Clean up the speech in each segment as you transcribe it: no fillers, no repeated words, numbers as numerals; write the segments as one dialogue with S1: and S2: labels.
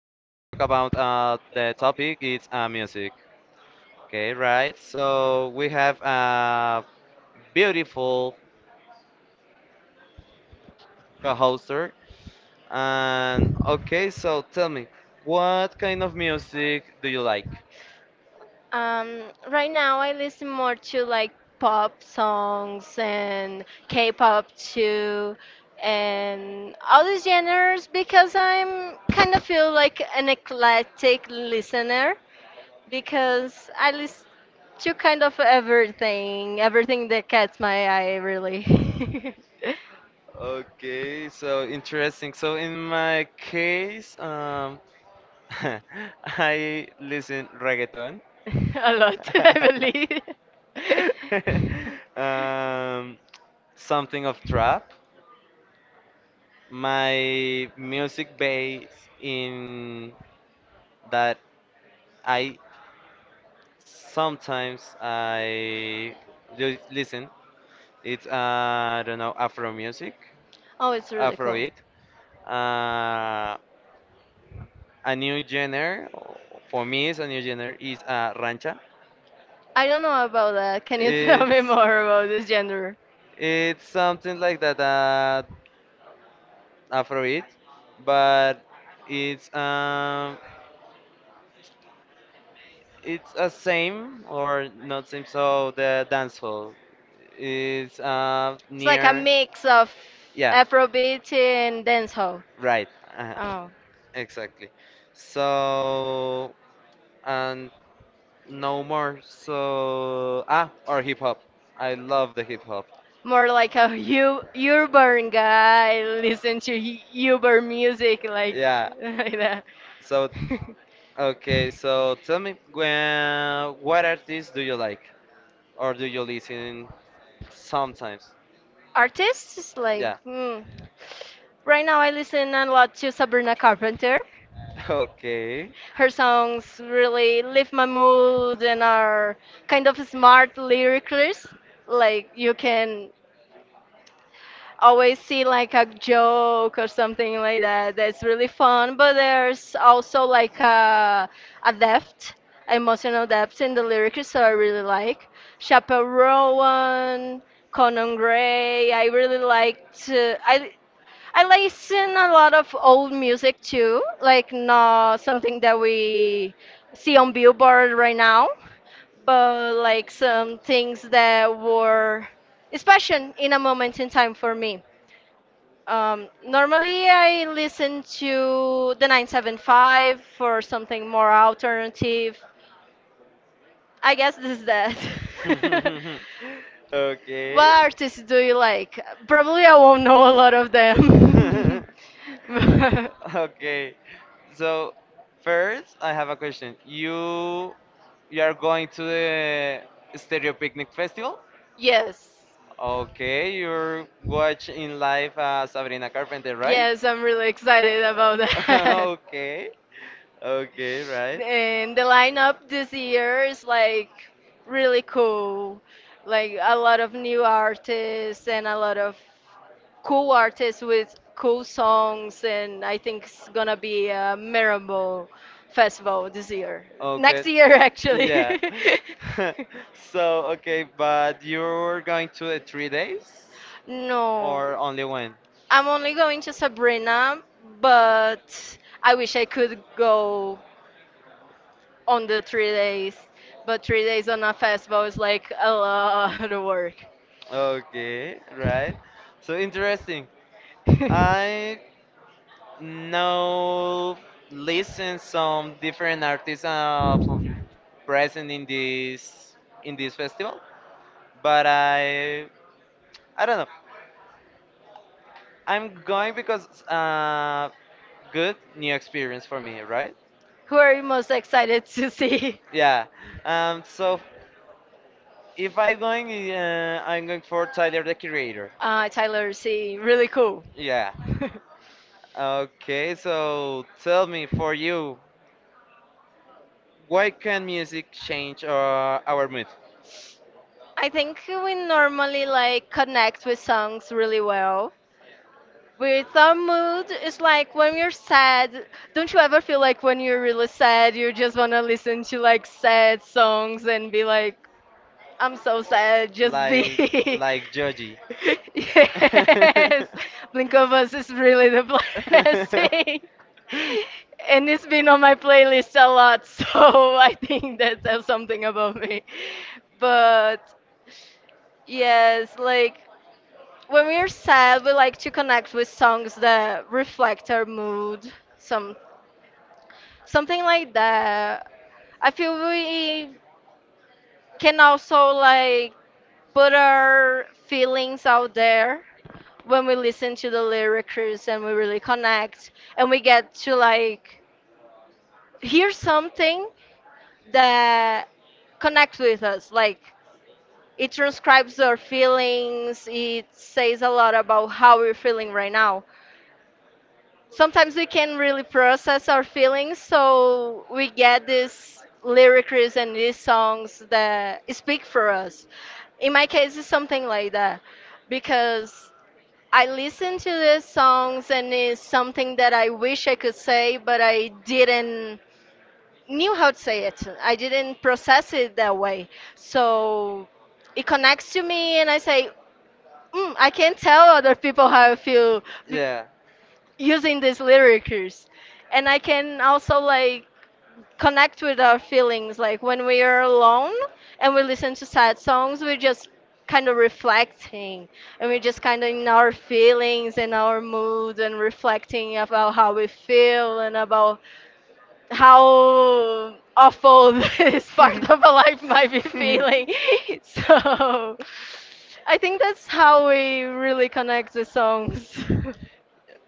S1: the topic. It's music. Okay, right. So we have a beautiful co-hoster. And okay, so tell me, what kind of music do you like?
S2: Um, right now I listen more to like pop songs and K-pop too, and all these genres because I'm kind of feel like an eclectic listener because I listen to kind of everything that catches my eye really.
S1: Okay, so interesting. So in my case, I listen reggaeton.
S2: A lot, I believe.
S1: um, something of trap. My music base in that I sometimes I listen. It's I don't know, Afro music,
S2: Oh, it's really cool.
S1: Afrobeat. Uh, a new genre for me is a new genre is rancha.
S2: I don't know about that. Can you tell me
S1: It's
S2: more about this genre?
S1: it's something like that Afrobeat, but it's um it's a same or not same. So the dance hall is
S2: It's like a near
S1: near.
S2: mix of
S1: Yeah.
S2: Afrobeat and dancehall.
S1: Right. Uh-huh.
S2: Oh,
S1: Exactly. So and no more. So ah, or hip hop. I love the hip hop.
S2: more like a u- urban guy listen to u- urban music, like
S1: Yeah.
S2: yeah. Like that.
S1: So okay. So tell me, when, what artists do you like? Or do you listen sometimes?
S2: Artists, yeah, like
S1: Yeah.
S2: yeah. Hmm. Right now I listen a lot to Sabrina Carpenter.
S1: Okay.
S2: Her songs really lift my mood and are kind of smart lyricists. Like you can always see like a joke or something like that that's really fun, but there's also like a depth, emotional depth in the lyrics that I really like. Chappell Rowan, Conan Gray, I really like to I listen a lot of old music too, like not something that we see on Billboard right now, but like some things that were special in a moment in time for me. Normally, I listen to the 975 for something more alternative. I guess this is that. What
S1: Okay.
S2: artists do you like? Probably I won't know a lot of them.
S1: Okay. So first, I have a question. You are going to the Stereo Picnic Festival?
S2: Yes.
S1: Okay, you're watching live Sabrina Carpenter, right?
S2: Yes, I'm really excited about that.
S1: Okay. Okay, right.
S2: And the lineup this year is like really cool. Like a lot of new artists and a lot of cool artists with cool songs. And I think it's gonna be a memorable festival this year.
S1: Okay.
S2: Next year, actually.
S1: Yeah. So, okay, but you're going to the 3 days
S2: No.
S1: or only one?
S2: I'm only going to Sabrina, but I wish I could go on the 3 days, but 3 days on a festival is like a lot of work.
S1: Okay, right. So interesting.
S2: Who
S1: I know listen some different artists present in this festival, but I don't know. I'm going because good new experience for me, right?
S2: are you most excited to see?
S1: Yeah. So if I going, I'm going for Tyler the Creator.
S2: Tyler C. Really cool.
S1: Yeah. Okay. So tell me, for you, why can music change our mood?
S2: I think we normally like connect with songs really well. With our mood, it's like when you're sad. Don't you ever feel like when you're really sad, you just wanna listen to like sad songs and be like, I'm so sad. Just
S1: Like
S2: be.
S1: like Joji.
S2: Yes, Blink of Us is really depressing, and it's been on my playlist a lot, so I think that tells something about me. But yes, like when we're sad, we like to connect with songs that reflect our mood, some something like that. I feel we can also like put our feelings out there when we listen to the lyrics and we really connect, and we get to like hear something that connects with us, like it transcribes our feelings. It says a lot about how we're feeling right now. Sometimes we can really process our feelings, so we get these lyrics and these songs that speak for us. In my case, it's something like that, because I listen to these songs and it's something that I wish I could say, but I didn't knew how to say it. I didn't process it that way. So it connects to me and I say, mm, I can't tell other people how I feel b-
S1: yeah.
S2: using these lyrics. And I can also like connect with our feelings. Like when we are alone and we listen to sad songs, we're just kind of reflecting, and we're just kind of in our feelings and our mood and reflecting about how we feel and about how awful this part of our life might be feeling. So I think that's how we really connect with songs.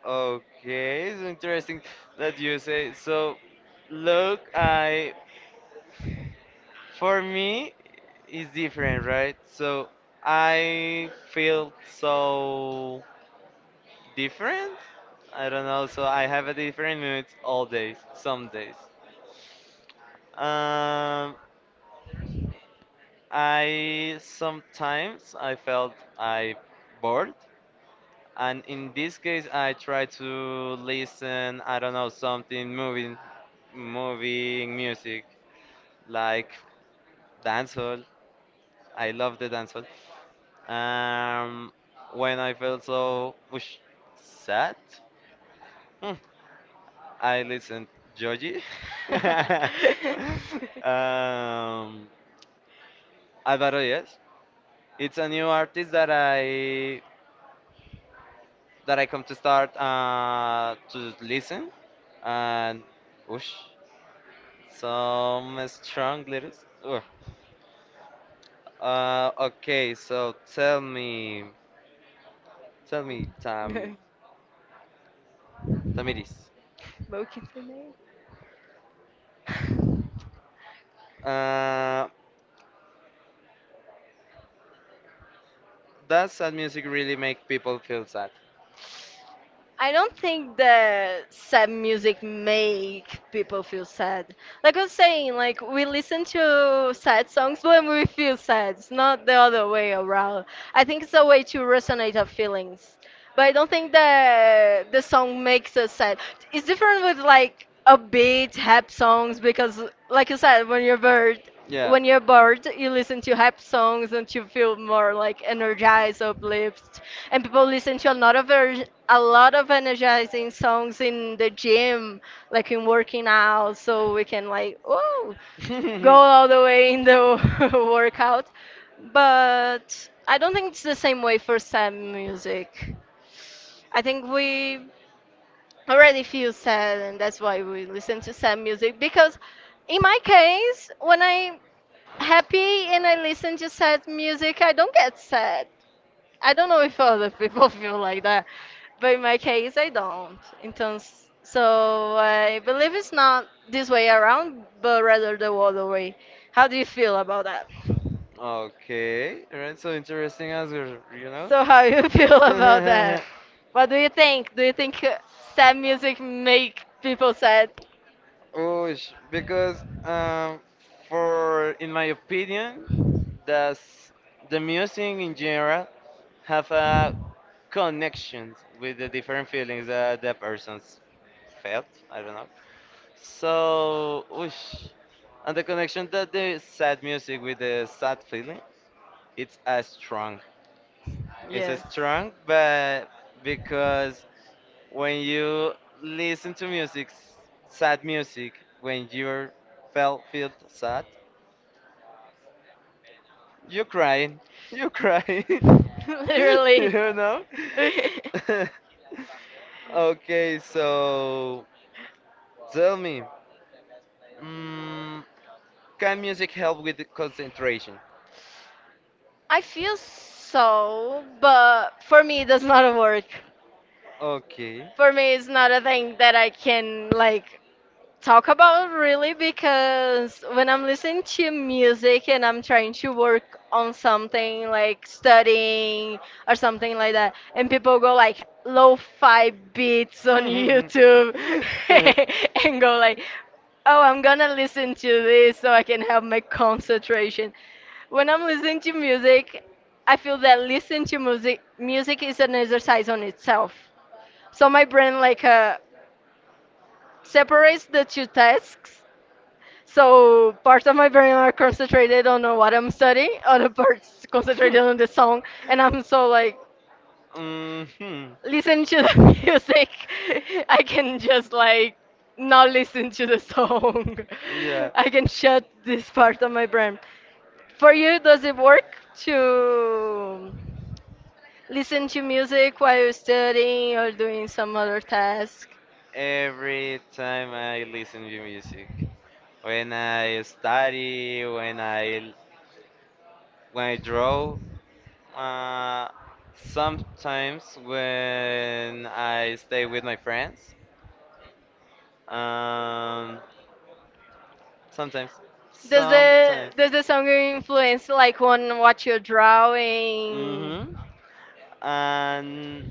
S1: Okay, it's interesting that you say. So, look, I for me it's different, right? So I feel so different. I don't know. So I have a different mood all days, some days. Um, I sometimes I felt I bored, and in this case I try to listen. I don't know, something moving, moving music. Like dancehall. I love the dancehall. Um, when I felt so whoosh, sad, hmm, I listened Joji. um, Alvaro, yes, it's a new artist that I come to start to listen, and whoosh, some strong lyrics. Ugh. Okay, so tell me, Tam, Tamiris.
S2: Both can say no. I
S1: Uh, that sad music really make people feel sad.
S2: don't think that sad music make people feel sad. Like I was saying, like we listen to sad songs when we feel sad. It's not the other way around. I think it's a way to resonate our feelings. But I don't think that the song makes us sad. It's different with like upbeat, happy songs because, like you said, when you're bored,
S1: Yeah.
S2: when you're bored, you listen to happy songs and you feel more like energized, uplifted. And people listen to a lot of energizing songs in the gym, like in working out, so we can like, oh, go all the way in the workout. But I don't think it's the same way for sad music. I think we already feel sad, and that's why we listen to sad music. Because in my case, when I'm happy and I listen to sad music, I don't get sad. I don't know if other people feel like that, but in my case, I don't. In terms, so I believe it's not this way around, but rather the other way. How do you feel about that?
S1: Okay, alright, so interesting answer, you know?
S2: So how you feel about that? What do you think? Do you think sad music make people sad?
S1: Oh, sh- because for in my opinion, does the music in general have a connection with the different feelings that the persons felt? I don't know. So, whoosh. And the connection that the sad music with the sad feeling, it's as strong. It's as
S2: Yes.
S1: strong, but because when you listen to music, sad music, when you felt feel sad, you crying, you crying, you
S2: Literally.
S1: know. Okay, so tell me, mm, can music help with the concentration?
S2: I feel so, but for me, that's not a work.
S1: Okay.
S2: For me, it's not a thing that I can like talk about really, because when I'm listening to music and I'm trying to work on something like studying or something like that, and people go like lo-fi beats on YouTube and go like, oh, I'm gonna listen to this so I can have my concentration. When I'm listening to music, I feel that listening to music is an exercise on itself. So my brain like separates the two tasks, so parts of my brain are concentrated on what I'm studying, other parts concentrated on the song, and I'm so like
S1: Mhm.
S2: listening to the music, I can just like not listen to the song.
S1: Yeah.
S2: I can shut this part of my brain. For you, does it work to listen to music while you're studying or doing some other task?
S1: Every time I listen to music, when I study, when I draw, Uh, sometimes when I stay with my friends, um, sometimes,
S2: Does the
S1: sometimes.
S2: does the song influence like on what you're drawing?
S1: Mm-hmm. And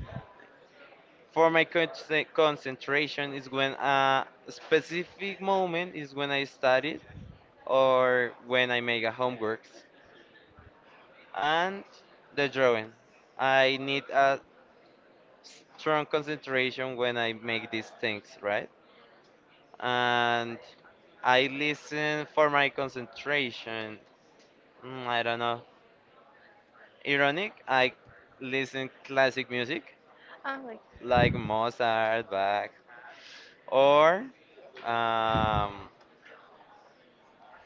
S1: for my concentration is when a specific moment is when I study or when I make a homeworks and the drawing. I need a strong concentration when I make these things, right? And I listen for my concentration. Mm, I don't know. Ironic, I listen classic music
S2: Oh my
S1: like Mozart, Bach, or um,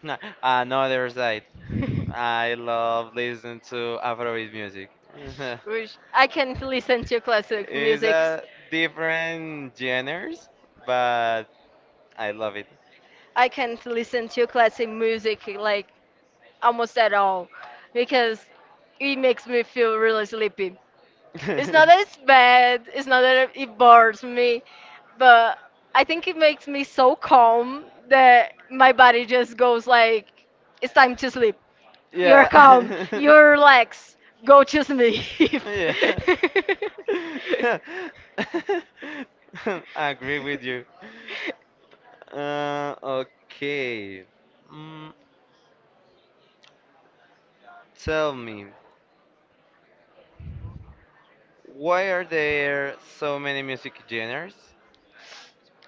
S1: another side. I love listening to Afrobeat music.
S2: music. Which I can't listen to classic It's
S1: It's
S2: music.
S1: a different genres, but I love it.
S2: I can't listen to classic music like almost at all because it makes me feel really sleepy. It's not that it's bad, it's not that it bores me, but I think it makes me so calm that my body just goes like, it's time to sleep. You're calm.
S1: Yeah.
S2: You're relaxed. Go to sleep.
S1: Yeah. I agree with you. Okay. Mm, tell me, why are there so many music genres?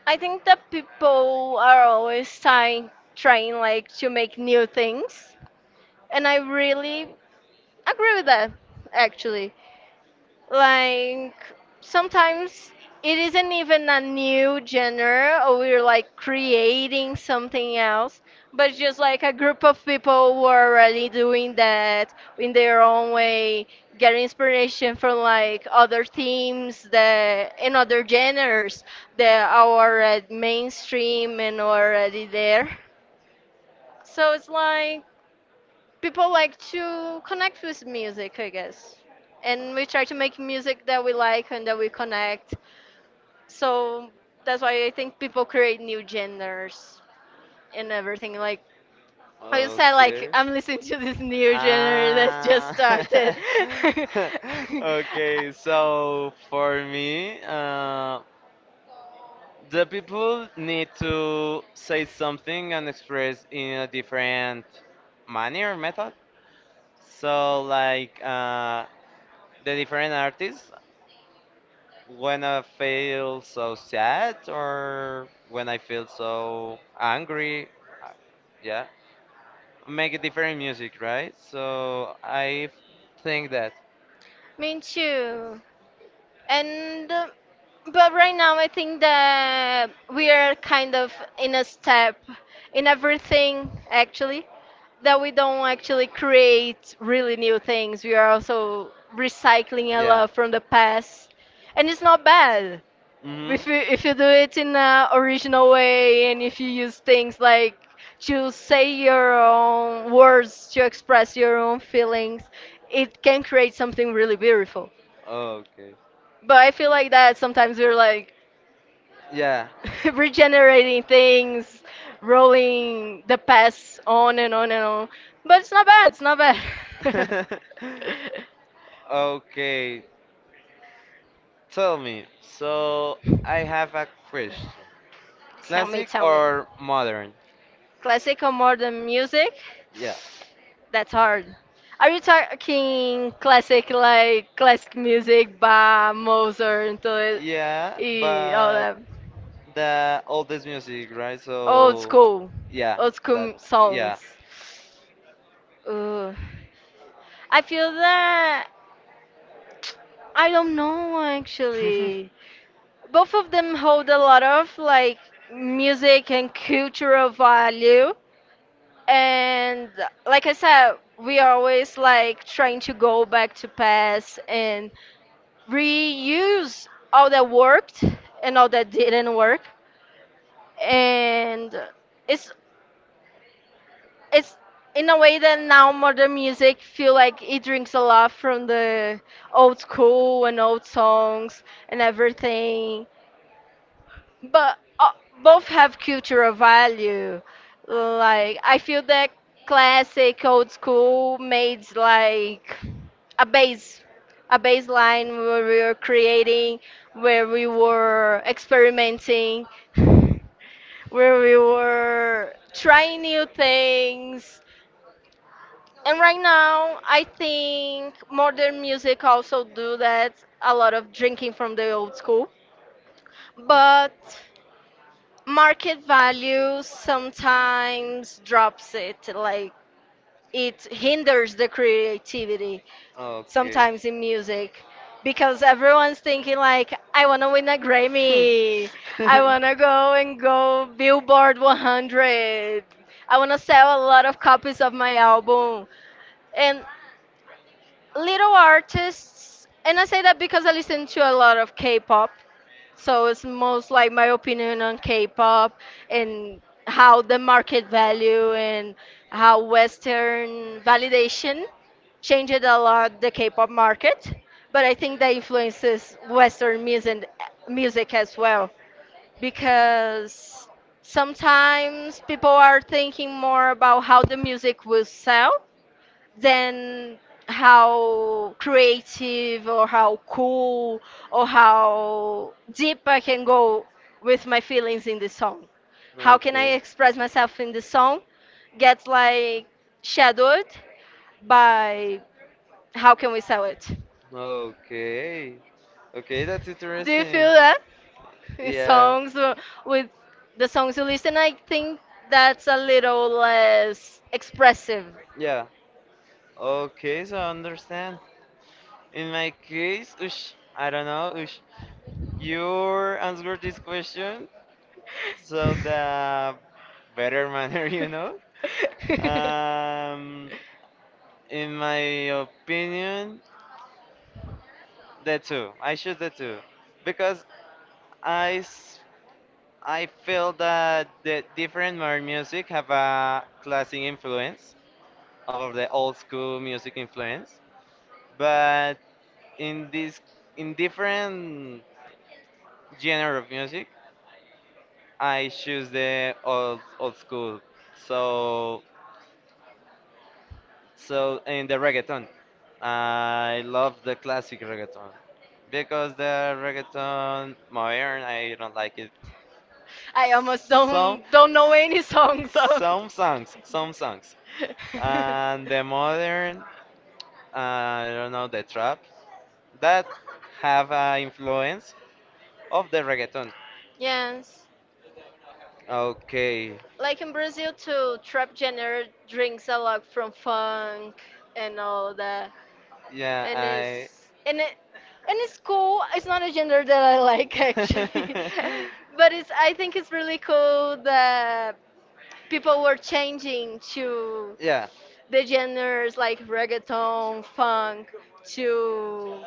S2: I think that people are always trying like to make new things, and I really agree with that actually. Like sometimes it isn't even a new genre or we're like creating something else, but just like a group of people who are already doing that in their own way get inspiration from like other themes that in other genres that are already mainstream and already there. So it's like people like to connect with music, I guess. And we try to make music that we like and that we connect. So that's why I think people create new genres and everything. Like I just
S1: Like,
S2: said, like
S1: okay.
S2: I'm listening to this new genre that's just
S1: Ah.
S2: started.
S1: Okay, so for me, the people need to say something and express in a different manner method so like the different artists when I feel so sad or when I feel so angry uh, yeah, make a different music, right? So I think that
S2: Me too. And but right now I think that we are kind of in a step in everything actually, that we don't actually create really new things. We are also recycling a
S1: yeah
S2: lot from the past, and it's not bad
S1: mm-hmm
S2: if you do it in a original way and if you use things like to say your own words to express your own feelings, it can create something really beautiful.
S1: okay
S2: But I feel like that sometimes we're like
S1: yeah.
S2: regenerating things, rolling the past on and on and on. But it's not bad, it's not bad.
S1: Okay, tell me. So I have a question.
S2: Tell me,
S1: Classic
S2: tell me. Or
S1: or modern?
S2: classic or modern music?
S1: Yeah.
S2: That's hard. Are you talking classic like classic music by Mozart and
S1: Yeah,
S2: yeah, y all that?
S1: but the oldest music, right?
S2: Old
S1: So
S2: school, yeah,
S1: yeah,
S2: old school
S1: that
S2: yeah
S1: yeah.
S2: songs. Ooh. I feel that. I don't know actually. Both of them hold a lot of like music and cultural value. And like I said, we are always like trying to go back to past and reuse all that worked and all that didn't work. And it's it's in a way that now modern music feel like it drinks a lot from the old school and old songs and everything, but both have cultural value. Like I feel that classic old school made like a base, a baseline where we were creating, where we were experimenting, where we were trying new things. And right now, I think modern music also do that. A lot of drinking from the old school, but market value sometimes drops it, like it hinders the creativity
S1: Okay.
S2: sometimes in music, because everyone's thinking like, I want to win a Grammy, I want to go and go Billboard 100, I want to sell a lot of copies of my album, and little artists, and I say that because I listen to a lot of K-pop, so it's most like my opinion on K-pop and how the market value and how Western validation changed a lot the K-pop market. But I think that influences Western music as well, because sometimes people are thinking more about how the music will sell than how creative or how cool or how deep I can go with my feelings in the song. How can I
S1: Okay.
S2: express myself in the song gets like shadowed by how can we sell it?
S1: Okay. Okay, that's
S2: Do you
S1: interesting.
S2: feel that in
S1: Yeah.
S2: songs or with the songs you listen? I think that's a little less expressive.
S1: Yeah. Okay, so I understand. In my case, ush, I don't know, ush, you answered this question so the better manner, you know. Um, in my opinion, the two. I choose the two because I s- I feel that the different modern music have a classic influence of the old school music influence. But in this, in different genre of music, I choose the old old school. So so in the reggaeton, I love the classic reggaeton because the reggaeton modern I don't like it.
S2: I almost
S1: Some
S2: don't know any songs of.
S1: some songs, and the modern I don't know the trap that have influence of the reggaeton.
S2: Yes,
S1: Okay.
S2: like in Brazil too, trap genre drinks a lot from funk and all that,
S1: Yeah,
S2: and
S1: I.
S2: it's and it. And it's cool. It's not a genre that I like actually, but it's. I think it's really cool that people were changing to
S1: Yeah,
S2: the genres like reggaeton, funk, to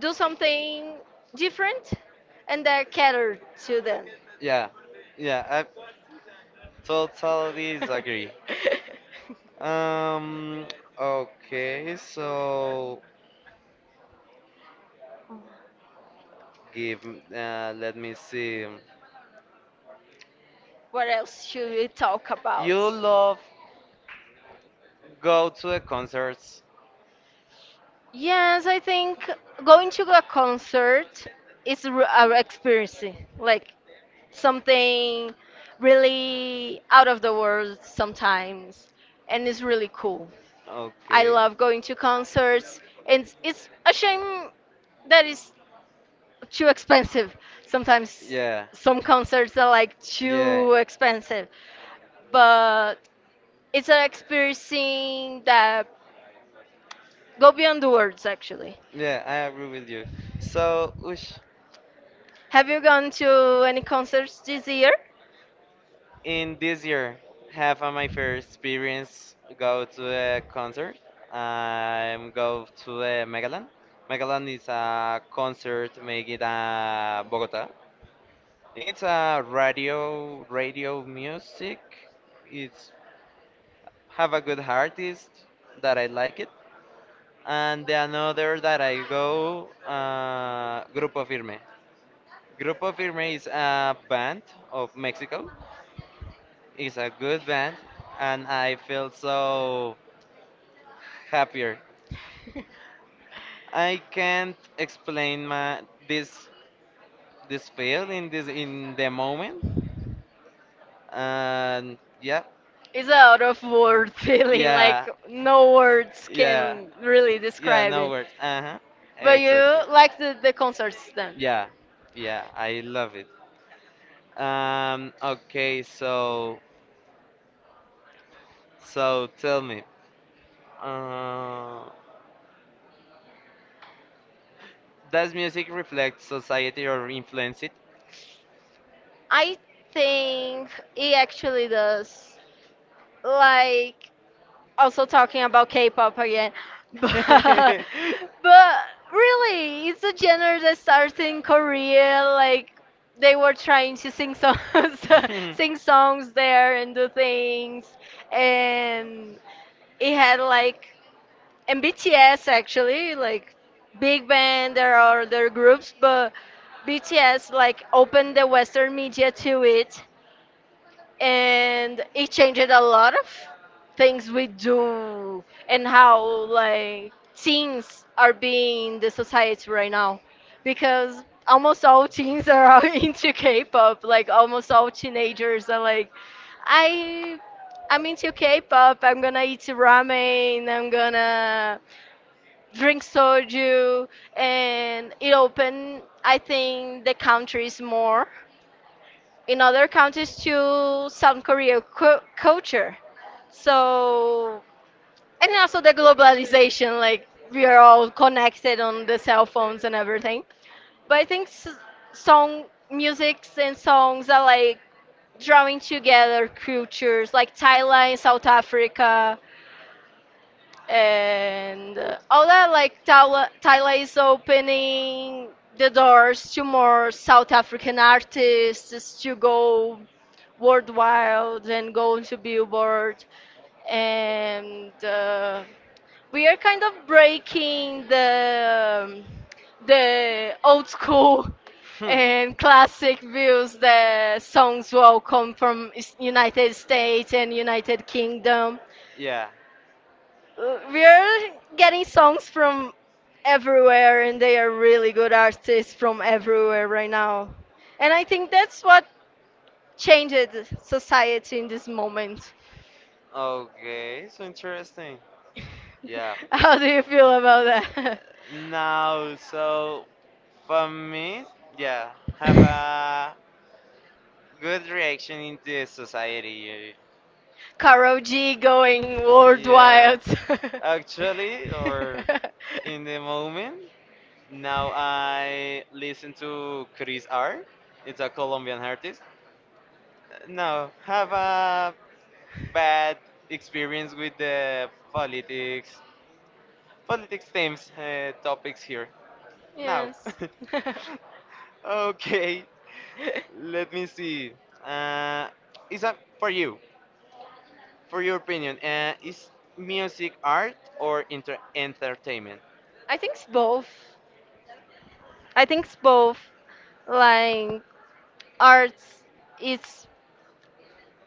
S2: do something different and they're catered to them.
S1: yeah, yeah. I totally disagree. Um. Okay. So give. Let me see.
S2: What else should we talk about?
S1: You love go to the concerts.
S2: Yes, I think going to a concert is an experience, like something really out of the world sometimes, and it's really cool. I
S1: Okay.
S2: love going to concerts, and it's a shame that it's too expensive. Sometimes
S1: Yeah.
S2: some concerts are like
S1: Yeah.
S2: too expensive, but it's an experience that go beyond the words actually.
S1: Yeah, I agree with you. So, Ush,
S2: Have you gone to any concerts this year?
S1: in this year, have my first experience go to a concert. I'm go to the Megaland. Megaland is a concert made in Bogota. It's a radio music. It's have a good artist that I like it. And the another that I go, Grupo Firme. Grupo Firme is a band of Mexico. It's a good band, and I feel so happier. I can't explain my this this feel in this in the moment, and yeah,
S2: It's a out of word feeling, like
S1: yeah,
S2: no words
S1: yeah,
S2: can really
S1: yeah,
S2: describe
S1: no
S2: it.
S1: words. Uh huh.
S2: But you
S1: Exactly.
S2: like the concerts then?
S1: Yeah, yeah, I love it. Okay, so so tell me, uh, does music reflect society or influence it?
S2: I think it actually does. Like also talking about K-pop again, but but really, it's a genre that starts in Korea. Like they were trying to sing songs, sing songs there
S1: in
S2: and do
S1: the
S2: things, and it had like and BTS actually like big band. There are other groups, but BTS like opened the Western media to it, and it changed a lot of things we do and how like teens are being in the society right now, because almost all teens are all into K-pop. Like almost all teenagers are like I I'm into K-pop, I'm gonna eat ramen, I'm gonna drink soju. And it opened, I think, the countries more in other countries to South Korea culture. So, and also the globalization, like we are all connected on the cell phones and everything. But I think song musics and songs are like drawing together cultures, like Thailand, South Africa, and all that. Like Tyler, Tyler is opening the doors to more South African artists to go worldwide and go into Billboard, and we are kind of breaking the old school and classic views that songs will come from United States and United Kingdom.
S1: yeah.
S2: We're getting songs from everywhere, and they are really good artists from everywhere right now. And I think that's what changed society in this moment.
S1: Okay, so interesting. Yeah.
S2: How do you feel about that?
S1: Now, so for me, yeah, have a good reaction in the society.
S2: Karol G going
S1: Yeah,
S2: worldwide.
S1: actually, or in the moment, now I listen to Chris R. It's a Colombian artist. No, have a bad experience with the politics, politics themes, topics here. Now,
S2: Yes.
S1: okay, let me see. Uh, is that for you, for your opinion? Is music art or entertainment?
S2: I think it's both. I think it's both. Like arts is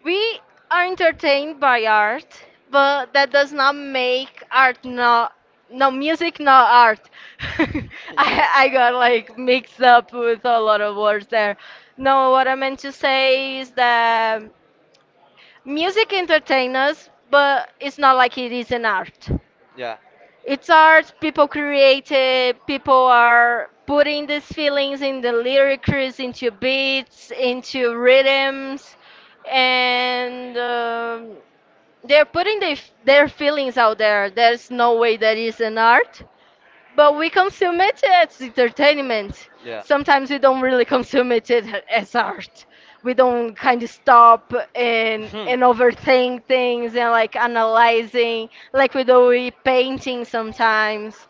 S2: we are entertained by art, but that does not make art not no music not art. I got like
S1: Yeah,
S2: mixed up with a lot of words there. No, what I meant to say is that music entertains us, but it's not like it is an art.
S1: yeah,
S2: It's art, people create it, people are putting these feelings in the lyrics, into beats, into rhythms, and they're putting their their feelings out there. There's no way that is an art, but we consume it as entertainment. Sometimes we don't really consume it as art. We don't
S1: yeah.
S2: kind of stop and
S1: Mhm.
S2: and overthink things and like analyzing like we do with painting sometimes.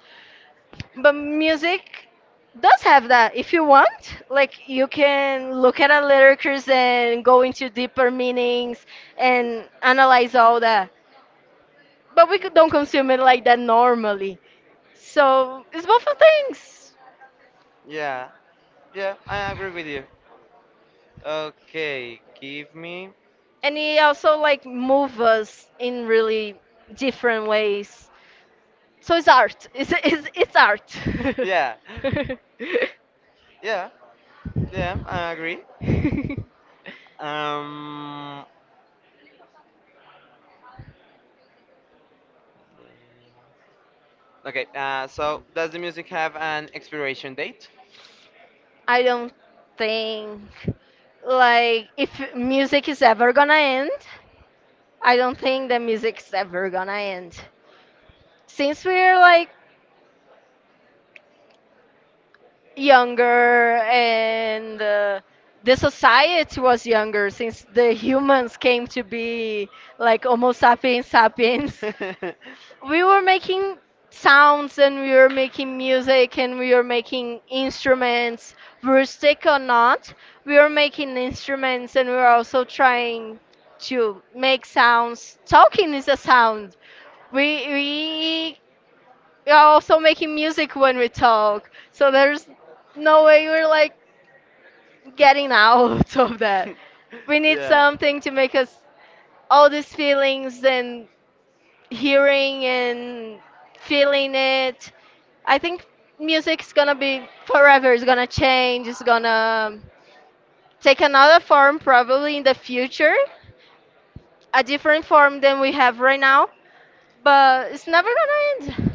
S2: But music does have that if you want, like you can look at the lyrics and go into deeper meanings and analyze all that, but we could don't consume it like that normally. So it's both of things.
S1: Yeah, yeah, I agree with you. Okay, give me.
S2: And it also like move us in really different ways. So it's art. It's it's art.
S1: Yeah,
S2: Yeah.
S1: yeah, yeah, I agree. Um, okay, so does the music have an expiration date?
S2: I don't think like if music is ever gonna end, I don't think the music's ever gonna end. Since we're like younger and the society was younger since the humans came to be like Homo sapiens sapiens. We were making sounds, and we were making music, and we were making instruments, rustic or not. We were making instruments, and we were also trying to make sounds. Talking is a sound. We we are also making music when we talk. So there's no way we're like getting out of that. We need
S1: yeah.
S2: something to make us all these feelings and hearing and feeling it. I think music's gonna be forever, it's gonna change, it's gonna take another form probably in the future, a different form than we have right now, but it's never gonna end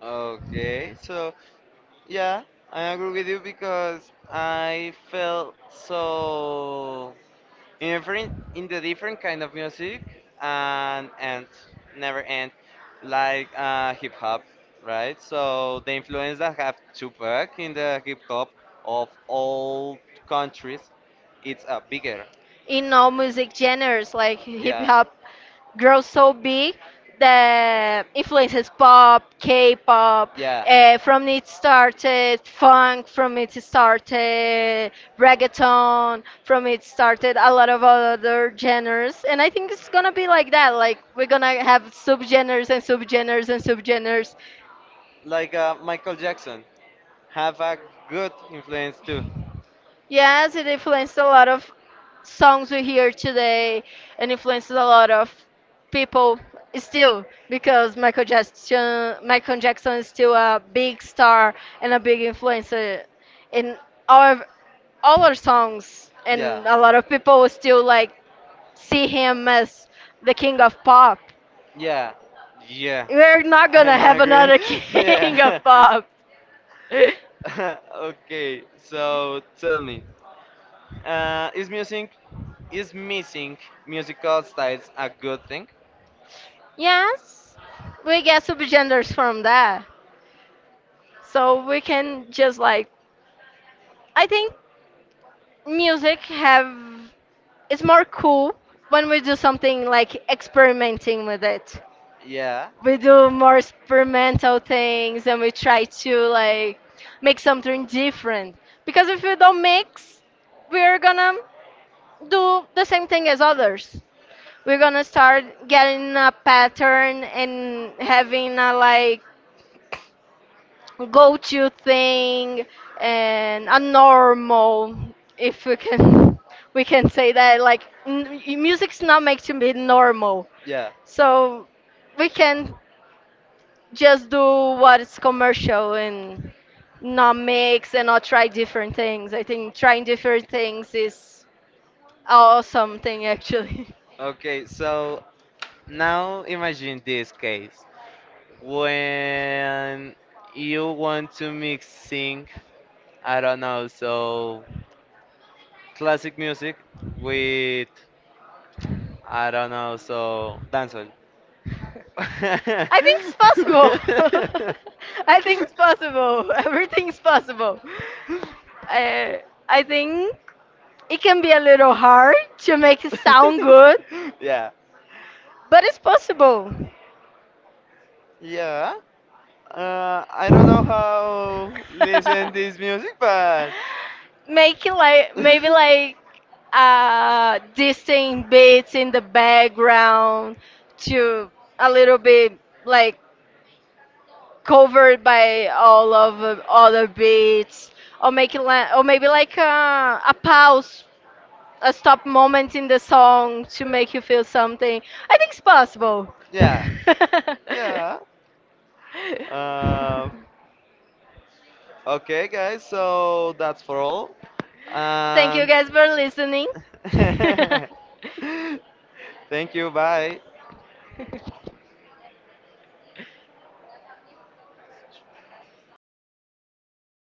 S1: Okay, so yeah, I agree with you because I felt so in different in the different kind of music and never end like hip hop, right? So the influence that have Tupac in the hip hop of all countries, it's bigger.
S2: in all music genres like hip
S1: Yeah,
S2: hop. Grows so big that influences pop, K-pop.
S1: yeah.
S2: From it started funk, from it started reggaeton, from it started a lot of other genres. And I think it's gonna be like that. Like we're gonna have subgenres and subgenres and subgenres.
S1: Like Michael Jackson have a good influence too.
S2: Yes, it influenced a lot of songs we hear today, and influences a lot of people still, because Michael Jackson, Michael Jackson is still a big star and a big influencer in our all our songs and
S1: Yeah.
S2: a lot of people still like see him as the king of pop.
S1: Yeah. Yeah.
S2: We're not gonna
S1: I'm
S2: have
S1: agree.
S2: another king of
S1: Yeah.
S2: pop.
S1: Okay. So tell me, is music is missing musical styles a good thing?
S2: Yes, we get subgenders from that. So we can just like I think music have it's more cool when we do something like experimenting with it.
S1: Yeah.
S2: We do more experimental things, and we try to like make something different, because if we don't mix, we're gonna do the same thing as others. We're gonna start getting a pattern and having a like go-to thing and a normal. If we can, we can say that like music's not made to be normal.
S1: Yeah.
S2: So we can just do what is commercial and not mix and not try different things. I think trying different things is awesome thing. Actually
S1: Okay. So now imagine this case when you want to mixing, I don't know, so classic music with I don't know, so dancehall.
S2: I think it's possible. I think it's possible. Everything's possible. I, I think it can be a little hard to make it sound good,
S1: yeah.
S2: but it's possible.
S1: Yeah. I don't know how listen this music, but
S2: Make it like maybe like distant beats in the background to a little bit like covered by all of other beats, or make it or maybe like a pause, a stop moment in the song to make you feel something. I think it's possible.
S1: yeah, yeah. Uh, okay, guys. So that's for all.
S2: Thank you
S1: And
S2: guys for listening.
S1: thank you. Bye.